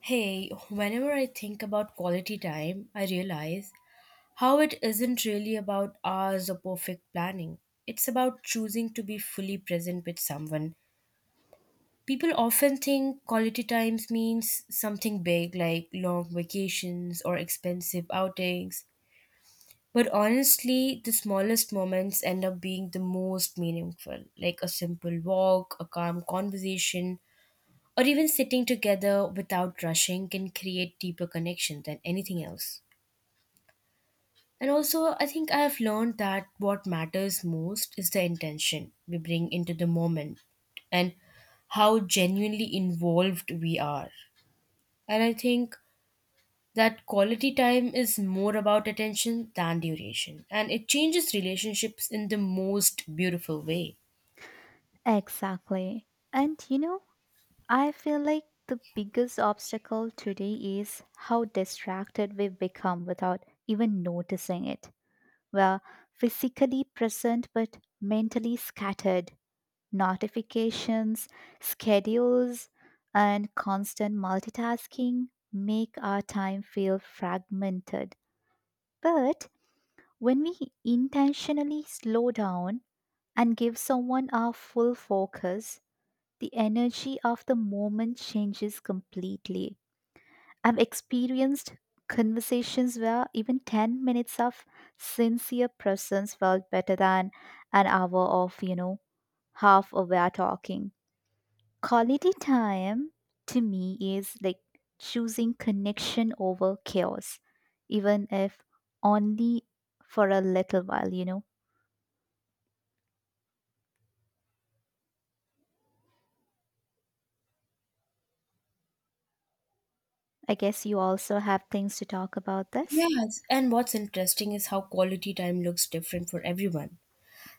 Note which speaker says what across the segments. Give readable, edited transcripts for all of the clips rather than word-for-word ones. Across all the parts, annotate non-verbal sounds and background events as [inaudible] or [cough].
Speaker 1: Hey, whenever I think about quality time, I realize how it isn't really about hours or perfect planning. It's about choosing to be fully present with someone. People often think quality times means something big like long vacations or expensive outings. But honestly, the smallest moments end up being the most meaningful, like a simple walk, a calm conversation, or even sitting together without rushing can create deeper connection than anything else. And also, I think I have learned that what matters most is the intention we bring into the moment and how genuinely involved we are. And I think that quality time is more about attention than duration, and it changes relationships in the most beautiful way.
Speaker 2: Exactly. And I feel like the biggest obstacle today is how distracted we become without even noticing it. We're physically present but mentally scattered. Notifications, schedules, and constant multitasking make our time feel fragmented. But when we intentionally slow down and give someone our full focus, the energy of the moment changes completely. I've experienced conversations where even 10 minutes of sincere presence felt better than an hour of, half aware talking. Quality time to me is like choosing connection over chaos, even if only for a little while. I guess you also have things to talk about this.
Speaker 1: Yes, and what's interesting is how quality time looks different for everyone.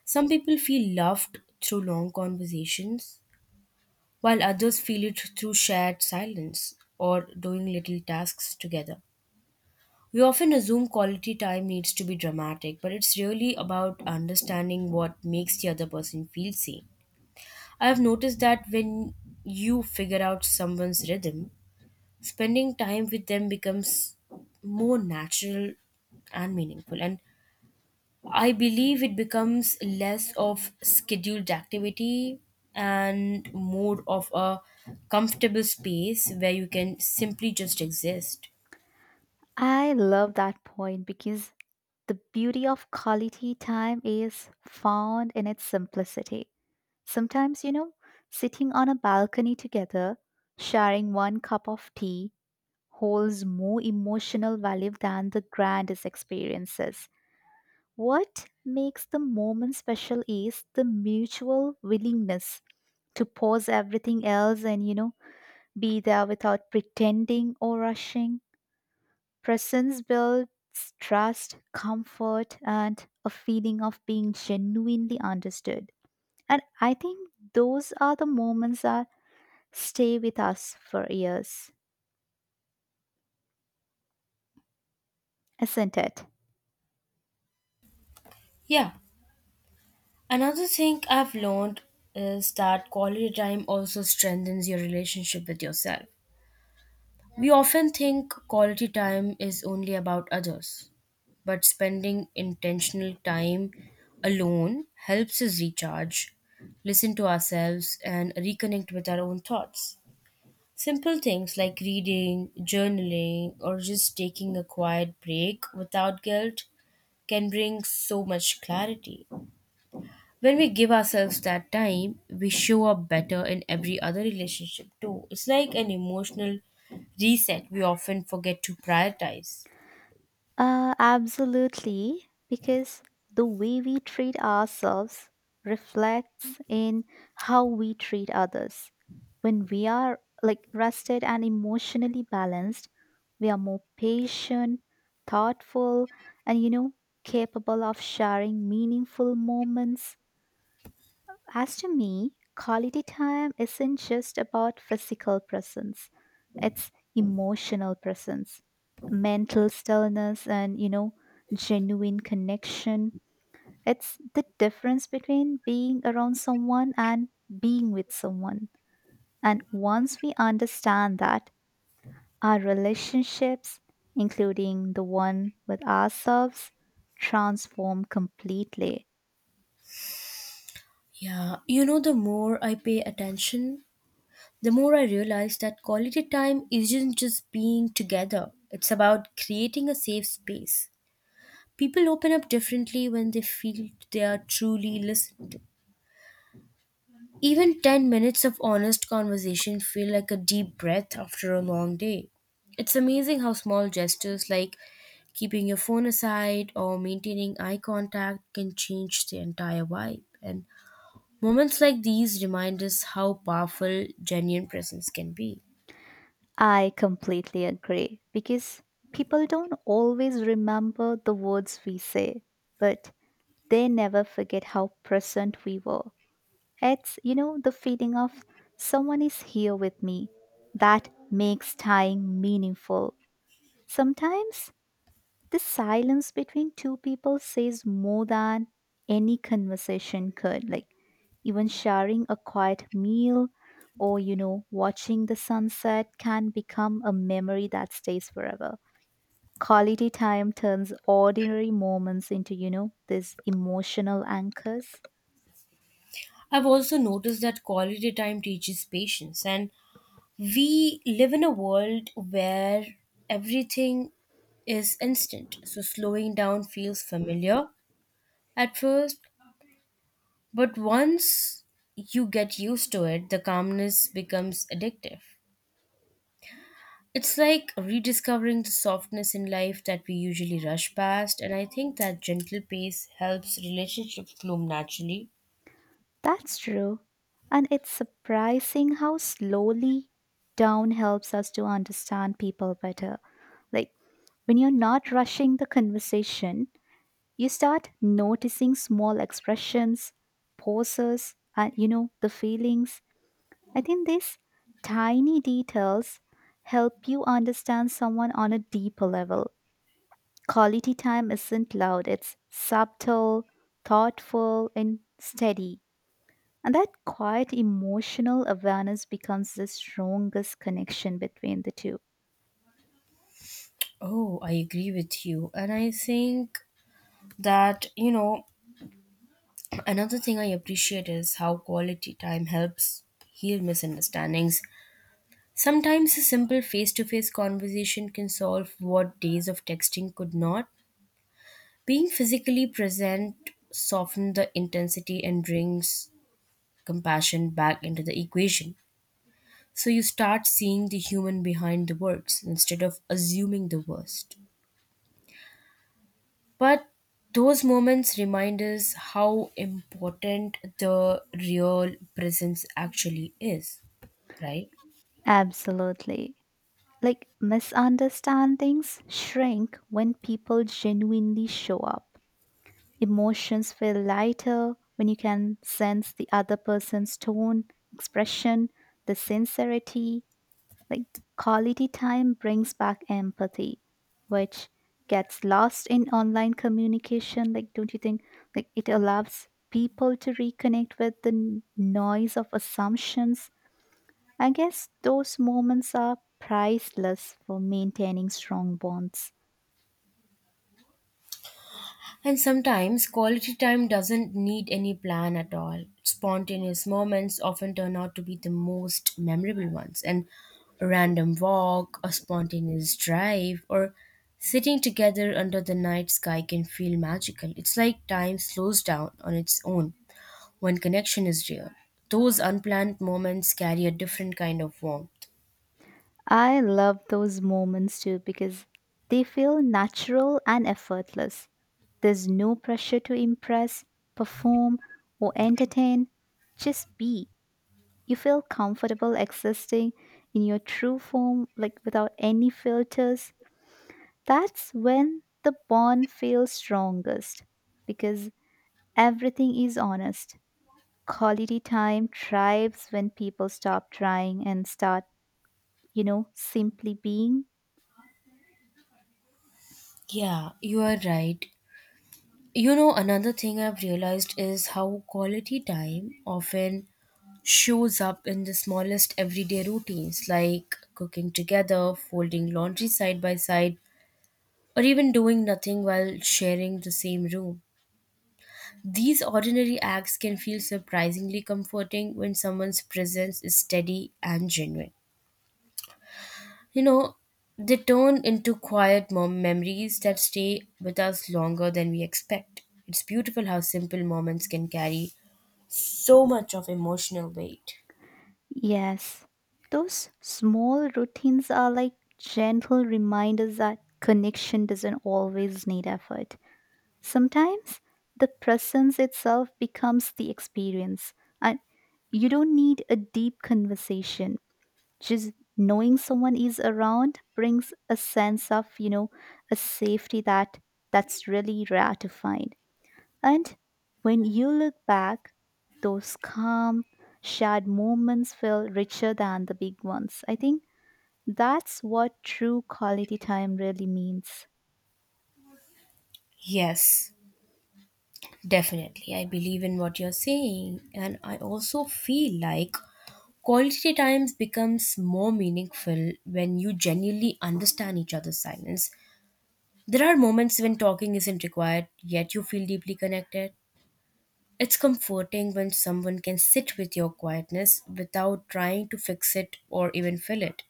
Speaker 1: Some people feel loved through long conversations, while others feel it through shared silence or doing little tasks together. We often assume quality time needs to be dramatic, but it's really about understanding what makes the other person feel seen. I have noticed that when you figure out someone's rhythm, spending time with them becomes more natural and meaningful. And I believe it becomes less of scheduled activity and more of a comfortable space where you can simply just exist.
Speaker 2: I love that point because the beauty of quality time is found in its simplicity. Sometimes, sitting on a balcony together, sharing one cup of tea, holds more emotional value than the grandest experiences. What makes the moment special is the mutual willingness to pause everything else and, be there without pretending or rushing. Presence builds trust, comfort, and a feeling of being genuinely understood. And I think those are the moments that stay with us for years, isn't it?
Speaker 1: Yeah. Another thing I've learned is that quality time also strengthens your relationship with yourself. We often think quality time is only about others, but spending intentional time alone helps us recharge, listen to ourselves, and reconnect with our own thoughts. Simple things like reading, journaling, or just taking a quiet break without guilt can bring so much clarity. When we give ourselves that time, we show up better in every other relationship too. It's like an emotional reset we often forget to prioritize.
Speaker 2: Absolutely, because the way we treat ourselves reflects in how we treat others. When we are like rested and emotionally balanced, we are more patient, thoughtful, and capable of sharing meaningful moments as to me, quality time isn't just about physical presence, it's emotional presence, mental stillness, and genuine connection. It's the difference between being around someone and being with someone. And once we understand that, our relationships, including the one with ourselves, transform completely.
Speaker 1: Yeah, the more I pay attention, the more I realize that quality time isn't just being together, it's about creating a safe space. People open up differently when they feel they are truly listened to. Even 10 minutes of honest conversation feel like a deep breath after a long day. It's amazing how small gestures like keeping your phone aside or maintaining eye contact can change the entire vibe. And moments like these remind us how powerful genuine presence can be.
Speaker 2: I completely agree because people don't always remember the words we say, but they never forget how present we were. It's the feeling of someone is here with me that makes time meaningful. Sometimes the silence between two people says more than any conversation could. Like, even sharing a quiet meal or, watching the sunset can become a memory that stays forever. Quality time turns ordinary moments into, these emotional anchors.
Speaker 1: I've also noticed that quality time teaches patience, and we live in a world where everything is instant. So slowing down feels familiar at first, but once you get used to it, the calmness becomes addictive. It's like rediscovering the softness in life that we usually rush past, and I think that gentle pace helps relationships bloom naturally.
Speaker 2: That's true. And it's surprising how slowly down helps us to understand people better. Like, when you're not rushing the conversation, you start noticing small expressions, poses, and the feelings. I think these tiny details help you understand someone on a deeper level. Quality time isn't loud, it's subtle, thoughtful, and steady. And that quiet emotional awareness becomes the strongest connection between the two.
Speaker 1: Oh, I agree with you. And I think that, another thing I appreciate is how quality time helps heal misunderstandings. Sometimes a simple face to face conversation can solve what days of texting could not. Being physically present softens the intensity and brings compassion back into the equation. So you start seeing the human behind the words instead of assuming the worst. But those moments remind us how important the real presence actually is, right?
Speaker 2: Absolutely. Like misunderstandings shrink when people genuinely show up. Emotions feel lighter when you can sense the other person's tone, expression, the sincerity. Like quality time brings back empathy, which gets lost in online communication. Like, don't you think? Like, it allows people to reconnect with the noise of assumptions. I guess those moments are priceless for maintaining strong bonds.
Speaker 1: And sometimes quality time doesn't need any plan at all. Spontaneous moments often turn out to be the most memorable ones. And a random walk, a spontaneous drive, or sitting together under the night sky can feel magical. It's like time slows down on its own when connection is real. Those unplanned moments carry a different kind of warmth.
Speaker 2: I love those moments too because they feel natural and effortless. There's no pressure to impress, perform, or entertain. Just be. You feel comfortable existing in your true form, like without any filters. That's when the bond feels strongest because everything is honest. Quality time thrives when people stop trying and start, simply being.
Speaker 1: Yeah, you are right. Another thing I've realized is how quality time often shows up in the smallest everyday routines like cooking together, folding laundry side by side, or even doing nothing while sharing the same room. These ordinary acts can feel surprisingly comforting when someone's presence is steady and genuine. You know, they turn into quiet memories that stay with us longer than we expect. It's beautiful how simple moments can carry so much of emotional weight.
Speaker 2: Yes, those small routines are like gentle reminders that connection doesn't always need effort. Sometimes the presence itself becomes the experience, and you don't need a deep conversation. Just knowing someone is around brings a sense of, a safety that's really rare to find. And when you look back, those calm, shared moments feel richer than the big ones. I think that's what true quality time really means.
Speaker 1: Yes, definitely. I believe in what you're saying. And I also feel like quality times becomes more meaningful when you genuinely understand each other's silence. There are moments when talking isn't required, yet you feel deeply connected. It's comforting when someone can sit with your quietness without trying to fix it or even fill it.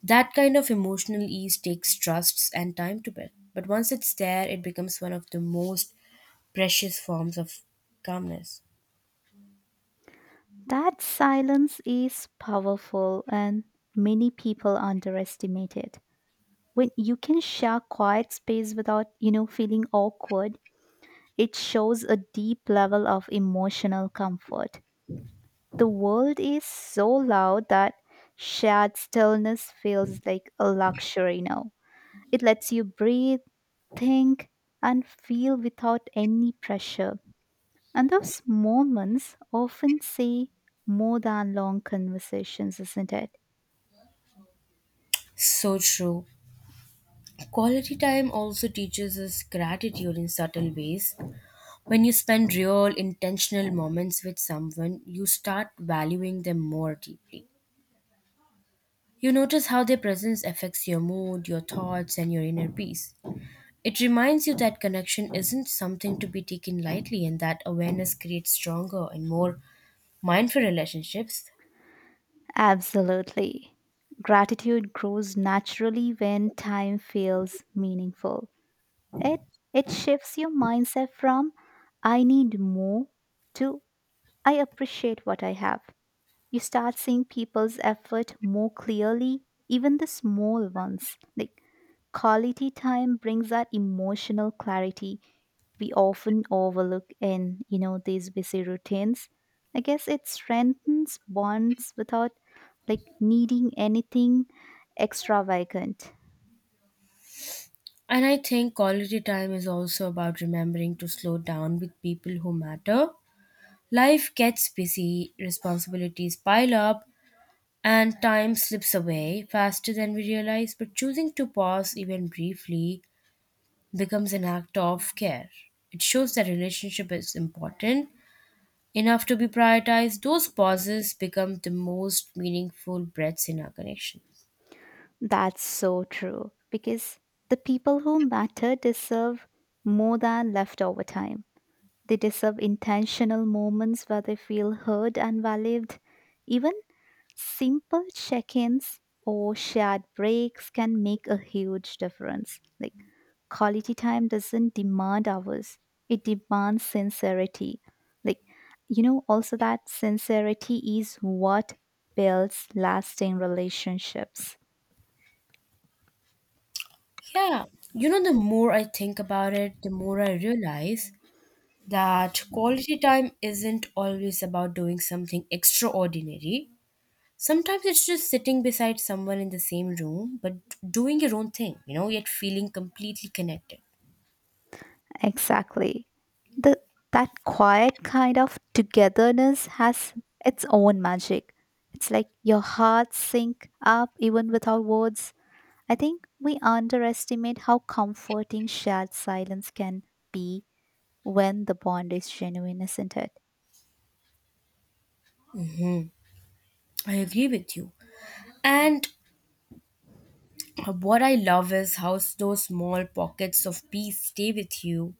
Speaker 1: That kind of emotional ease takes trusts and time to build, but once it's there, it becomes one of the most precious forms of calmness.
Speaker 2: That silence is powerful and many people underestimate it. When you can share quiet space without, feeling awkward, it shows a deep level of emotional comfort. The world is so loud that shared stillness feels like a luxury now. It lets you breathe, think, and feel without any pressure. And those moments often say more than long conversations, isn't it?
Speaker 1: So true. Quality time also teaches us gratitude in subtle ways. When you spend real, intentional moments with someone, you start valuing them more deeply. You notice how their presence affects your mood, your thoughts, and your inner peace. It reminds you that connection isn't something to be taken lightly and that awareness creates stronger and more mindful relationships.
Speaker 2: Absolutely. Gratitude grows naturally when time feels meaningful. It it shifts your mindset from I need more to I appreciate what I have. You start seeing people's effort more clearly, even the small ones. Like quality time brings that emotional clarity we often overlook in, these busy routines. I guess it strengthens bonds without like needing anything extravagant.
Speaker 1: And I think quality time is also about remembering to slow down with people who matter. Life gets busy, responsibilities pile up, and time slips away faster than we realize. But choosing to pause even briefly becomes an act of care. It shows that relationship is important enough to be prioritized, those pauses become the most meaningful breaths in our connection.
Speaker 2: That's so true because the people who matter deserve more than leftover time. They deserve intentional moments where they feel heard and valued. Even simple check ins or shared breaks can make a huge difference. Like, quality time doesn't demand hours, it demands sincerity. Like, also that sincerity is what builds lasting relationships.
Speaker 1: Yeah, the more I think about it, the more I realize that quality time isn't always about doing something extraordinary. Sometimes it's just sitting beside someone in the same room, but doing your own thing, yet feeling completely connected.
Speaker 2: Exactly. The that quiet kind of togetherness has its own magic. It's like your heart sync up even without words. I think we underestimate how comforting shared silence can be when the bond is genuine, isn't it?
Speaker 1: Mm, I agree with you. And what I love is how those small pockets of peace stay with you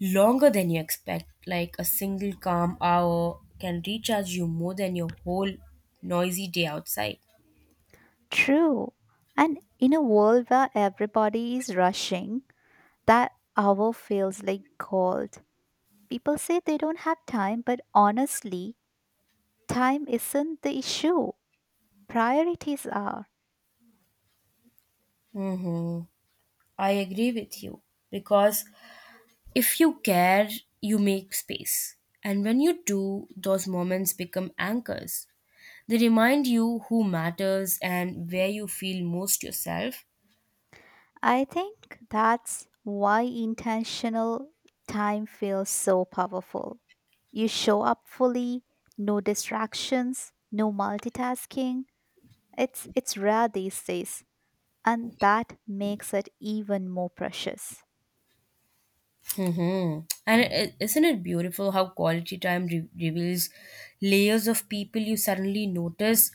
Speaker 1: longer than you expect. Like a single calm hour can recharge you more than your whole noisy day outside.
Speaker 2: True. And in a world where everybody is rushing, that hour feels like gold. People say they don't have time, but honestly, time isn't the issue. Priorities are.
Speaker 1: Mm-hmm. I agree with you because if you care, you make space. And when you do, those moments become anchors. They remind you who matters and where you feel most yourself.
Speaker 2: I think that's why intentional time feels so powerful. You show up fully, no distractions, no multitasking. It's rare these days, and that makes it even more precious.
Speaker 1: Mm-hmm. And isn't it beautiful how quality time reveals layers of people you suddenly notice,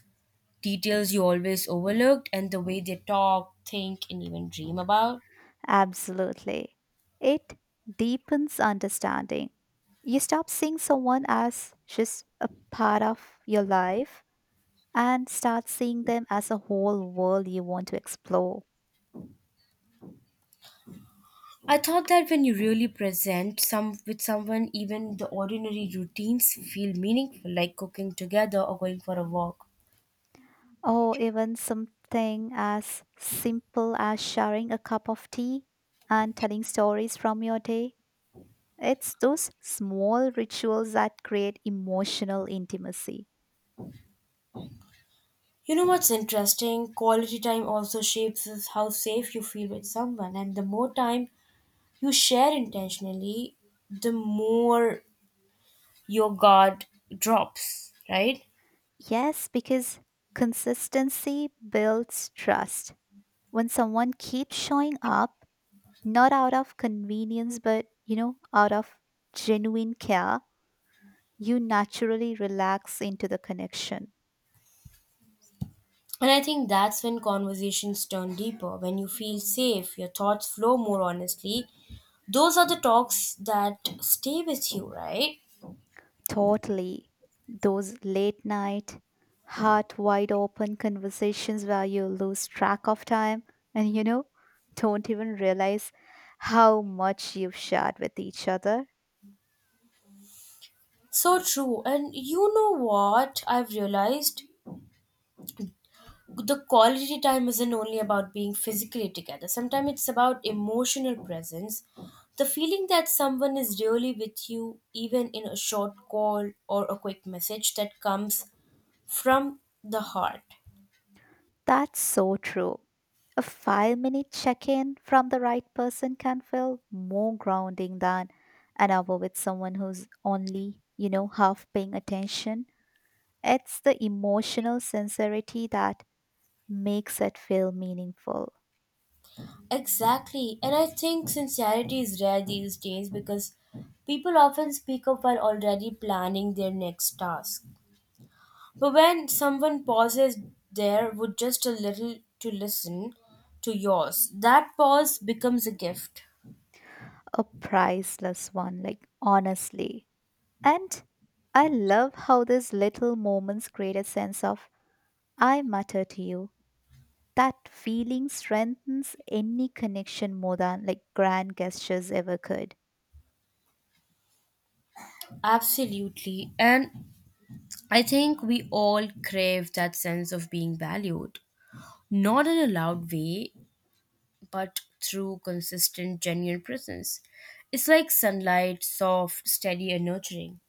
Speaker 1: details you always overlooked, and the way they talk, think, and even dream about?
Speaker 2: Absolutely. It deepens understanding. You stop seeing someone as just a part of your life and start seeing them as a whole world you want to explore.
Speaker 1: I thought that when you really present some with someone, even the ordinary routines feel meaningful, like cooking together or going for a walk.
Speaker 2: Or even something as simple as sharing a cup of tea and telling stories from your day. It's those small rituals that create emotional intimacy.
Speaker 1: You know what's interesting? Quality time also shapes us how safe you feel with someone, and the more time you share intentionally, the more your guard drops, right?
Speaker 2: Yes, because consistency builds trust. When someone keeps showing up, not out of convenience, but out of genuine care, you naturally relax into the connection.
Speaker 1: And I think that's when conversations turn deeper, when you feel safe, your thoughts flow more honestly. Those are the talks that stay with you, right?
Speaker 2: Totally. Those late night, heart wide open conversations where you lose track of time and don't even realize how much you've shared with each other.
Speaker 1: So true. And you know what I've realized? The quality time isn't only about being physically together, sometimes it's about emotional presence. The feeling that someone is really with you, even in a short call or a quick message that comes from the heart.
Speaker 2: That's so true. A 5-minute check in from the right person can feel more grounding than an hour with someone who's only, half paying attention. It's the emotional sincerity that makes it feel meaningful,
Speaker 1: Exactly. And I think sincerity is rare these days because people often speak up while already planning their next task. But when someone pauses there with just a little to listen to yours, that pause becomes a gift.
Speaker 2: a priceless one, like honestly. And I love how these little moments create a sense of I matter to you. That feeling strengthens any connection more than like grand gestures ever could.
Speaker 1: Absolutely. And I think we all crave that sense of being valued, not in a loud way, but through consistent, genuine presence. It's like sunlight, soft, steady, and nurturing.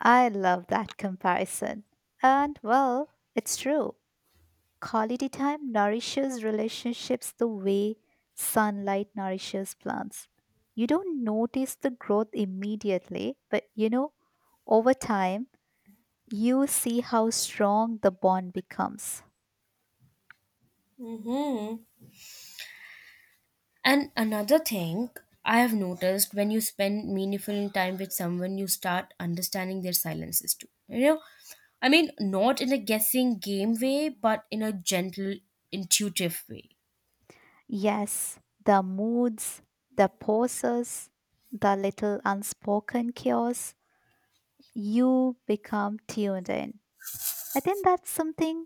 Speaker 2: I love that comparison. And well, it's true. Quality time nourishes relationships the way sunlight nourishes plants. You don't notice the growth immediately, but over time, you see how strong the bond becomes.
Speaker 1: And another thing I have noticed when you spend meaningful time with someone, you start understanding their silences too. I mean, not in a guessing game way, but in a gentle, intuitive way.
Speaker 2: Yes, the moods, the pauses, the little unspoken chaos, you become tuned in. I think that's something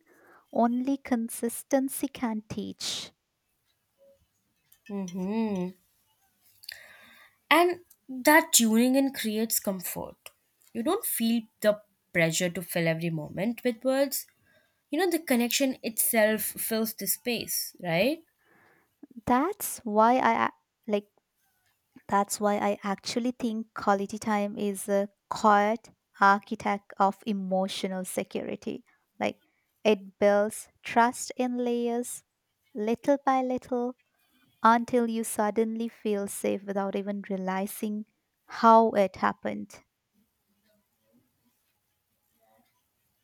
Speaker 2: only consistency can teach.
Speaker 1: Hmm. And that tuning in creates comfort. You don't feel the pressure to fill every moment with words. The connection itself fills the space, right?
Speaker 2: That's why I a- like That's why I actually think quality time is a quiet architect of emotional security. Like it builds trust in layers, little by little, until you suddenly feel safe without even realizing how it happened.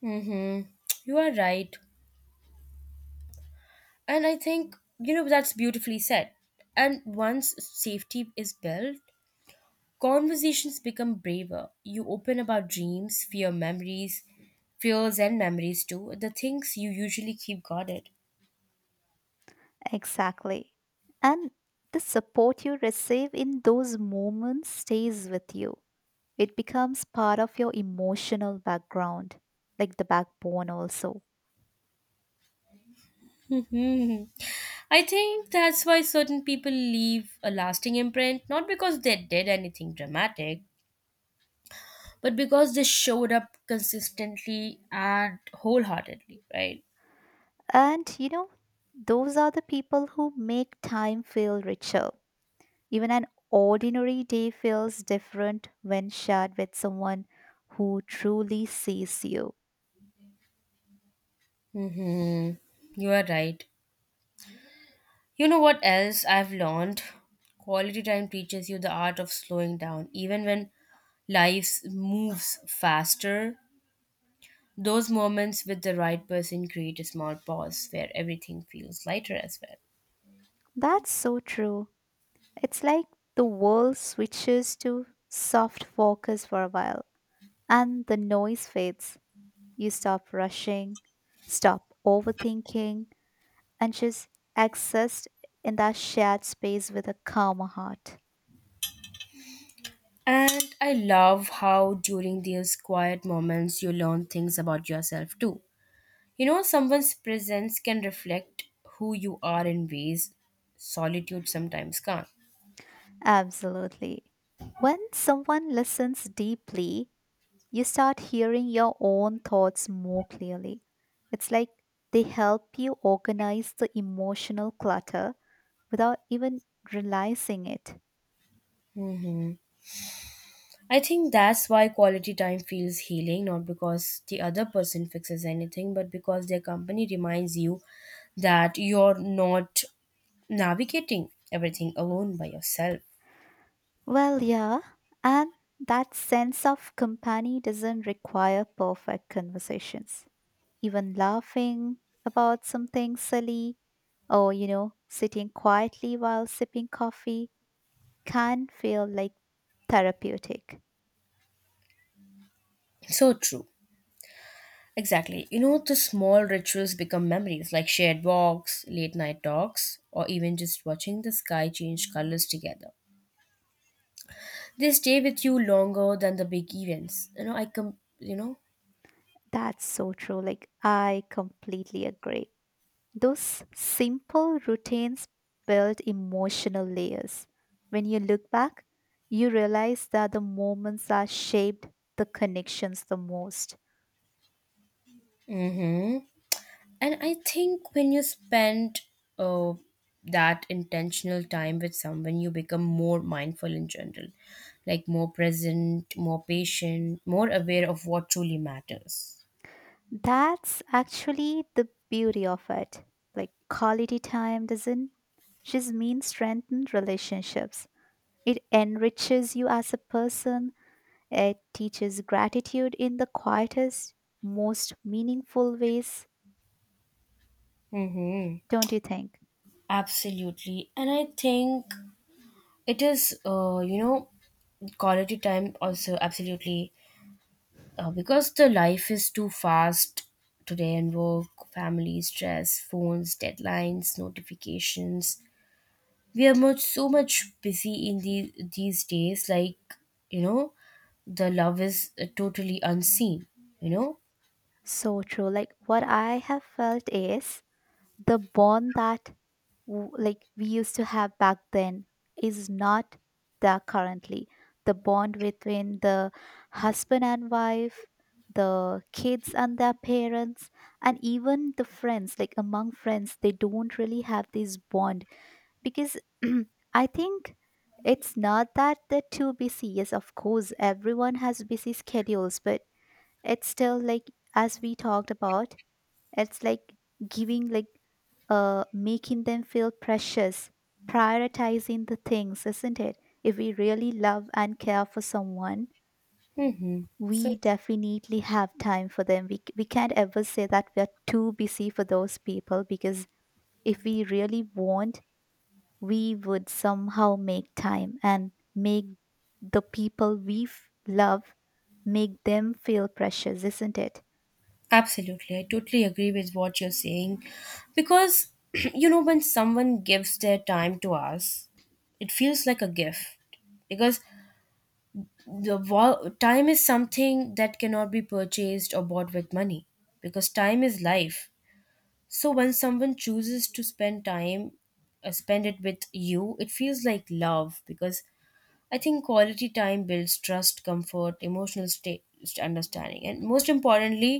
Speaker 1: Mm-hmm. You are right. And I think, that's beautifully said. And once safety is built, conversations become braver. You open about dreams, fears and memories too, the things you usually keep guarded. [laughs]
Speaker 2: Exactly. And the support you receive in those moments stays with you. It becomes part of your emotional background, like the backbone, also.
Speaker 1: Hmm. I think that's why certain people leave a lasting imprint, not because they did anything dramatic, but because they showed up consistently and wholeheartedly, right?
Speaker 2: And those are the people who make time feel richer. Even an ordinary day feels different when shared with someone who truly sees you.
Speaker 1: Mm-hmm. You are right. You know what else I've learned? Quality time teaches you the art of slowing down. Even when life moves faster, those moments with the right person create a small pause where everything feels lighter as well.
Speaker 2: That's so true. It's like the world switches to soft focus for a while and the noise fades. You stop rushing, stop overthinking, and just exist in that shared space with a calmer heart.
Speaker 1: And I love how during these quiet moments you learn things about yourself too. Someone's presence can reflect who you are in ways solitude sometimes can't.
Speaker 2: Absolutely. When someone listens deeply, you start hearing your own thoughts more clearly. It's like they help you organize the emotional clutter without even realizing it.
Speaker 1: Mm-hmm. I think that's why quality time feels healing, not because the other person fixes anything, but because their company reminds you that you're not navigating everything alone by yourself.
Speaker 2: Well, yeah, and that sense of company doesn't require perfect conversations. Even laughing about something silly, or, sitting quietly while sipping coffee can feel like therapeutic.
Speaker 1: So true. Exactly. The small rituals become memories like shared walks, late night talks, or even just watching the sky change colors together. They stay with you longer than the big events. You know.
Speaker 2: That's so true. Like, I completely agree. Those simple routines build emotional layers. When you look back, you realize that the moments that shaped the connections the most.
Speaker 1: Mhm. And I think when you spend uh, that intentional time with someone, you become more mindful in general, like more present, more patient, more aware of what truly matters.
Speaker 2: That's actually the beauty of it. Like, quality time doesn't just mean strengthened relationships, it enriches you as a person. It teaches gratitude in the quietest, most meaningful ways,
Speaker 1: Mm-hmm.
Speaker 2: don't you think?
Speaker 1: Absolutely. And I think it is, quality time also, absolutely. Because the life is too fast today and work, family, stress, phones, deadlines, notifications, we are much so much busy in these days, like, you know the love is, totally unseen, you know
Speaker 2: So true. Like what I have felt is the bond that like we used to have back then is not there currently. The bond between the husband and wife, the kids and their parents, and even the friends, like among friends, they don't really have this bond because [clears throat] I think it's not that they're too busy. Yes, of course, everyone has busy schedules, but it's still like, as we talked about, it's like giving, like, making them feel precious, prioritizing the things, isn't it? If we really love and care for someone,
Speaker 1: hmm so
Speaker 2: we definitely have time for them. We can't ever say that we are too busy for those people because if we really want, we would somehow make time and make the people we love, make them feel precious, isn't it?
Speaker 1: absolutely I totally agree with what you're saying because [clears throat] when someone gives their time to us, it feels like a gift because the time is something that cannot be purchased or bought with money because time is life. So when someone chooses to spend time, spend it with you, it feels like love because I think quality time builds trust, comfort, emotional state, understanding, and most importantly,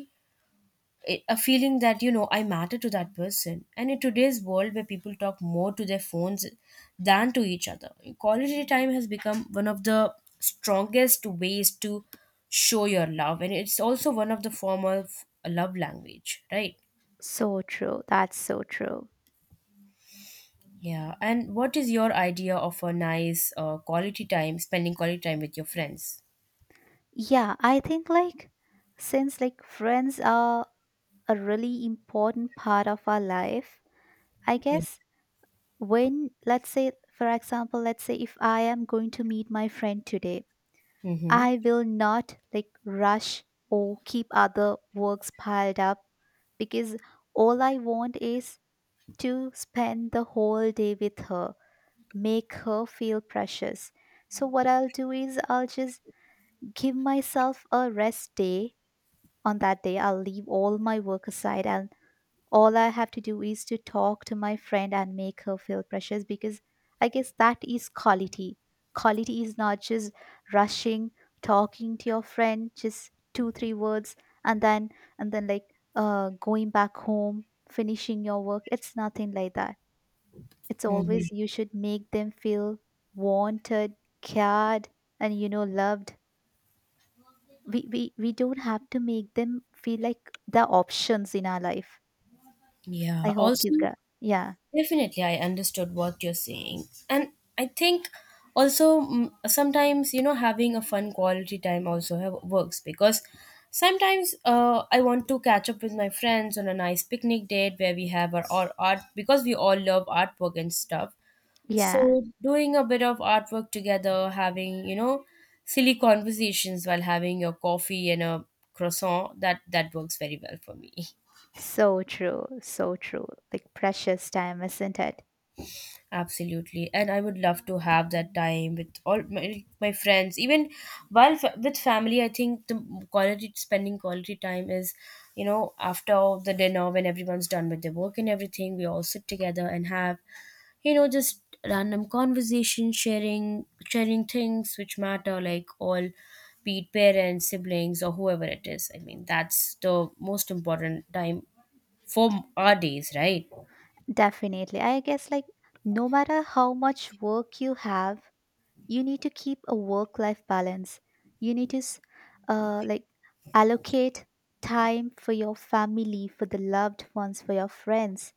Speaker 1: a feeling that I matter to that person. And in today's world where people talk more to their phones than to each other, quality time has become one of the strongest ways to show your love, and it's also one of the form of love language, right?
Speaker 2: So true, that's so true.
Speaker 1: Yeah. And what is your idea of a nice quality time, spending quality time with your friends?
Speaker 2: Yeah, I think like since like friends are a really important part of our life, I
Speaker 1: Yeah.
Speaker 2: guess when let's say for example, let's say if I am going to meet my friend today,
Speaker 1: Mm-hmm.
Speaker 2: I will not like rush or keep other works piled up because all I want is to spend the whole day with her, make her feel precious. So, what I'll do is I'll just give myself a rest day. On that day, I'll leave all my work aside, and all I have to do is to talk to my friend and make her feel precious, because I guess that is quality. Quality is not just rushing, talking to your friend, just two, three words, and then and then like going back home, finishing your work. It's nothing like that. It's always
Speaker 1: Mm-hmm.
Speaker 2: you should make them feel wanted, cared, and loved. We don't have to make them feel like the options in our life. I
Speaker 1: Yeah.
Speaker 2: hope you
Speaker 1: Also,
Speaker 2: got, yeah.
Speaker 1: definitely, I understood what you're saying. And I think also sometimes, having a fun quality time also works because sometimes I want to catch up with my friends on a nice picnic date where we have our art because we all love artwork and stuff.
Speaker 2: Yeah.
Speaker 1: So doing a bit of artwork together, having, silly conversations while having your coffee and a croissant, that works very well for me. [laughs]
Speaker 2: So true, so true. Like precious time, isn't it?
Speaker 1: Absolutely. And I would love to have that time with all my friends. Even while with family, I think the quality spending quality time is, after the dinner when everyone's done with their work and everything, we all sit together and have just random conversation, sharing things which matter, like, all be it parents, siblings, or whoever it is. I mean, that's the most important time for our days, right?
Speaker 2: Definitely. I guess like no matter how much work you have, you need to keep a work-life balance. You need to like allocate time for your family, for the loved ones, for your friends,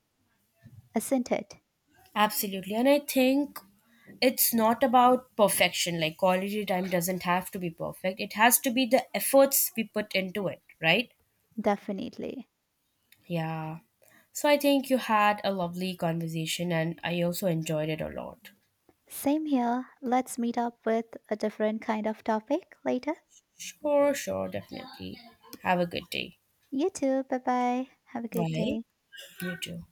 Speaker 2: isn't it?
Speaker 1: Absolutely. And I think it's not about perfection. Like, quality time doesn't have to be perfect, it has to be the efforts we put into it, right?
Speaker 2: Definitely.
Speaker 1: Yeah. So I think you had a lovely conversation, and I also enjoyed it a lot.
Speaker 2: Same here. Let's meet up with a different kind of topic later.
Speaker 1: Sure, sure, definitely. Have a good day.
Speaker 2: You too. Bye-bye. Have a good
Speaker 1: Bye.
Speaker 2: day.
Speaker 1: You too.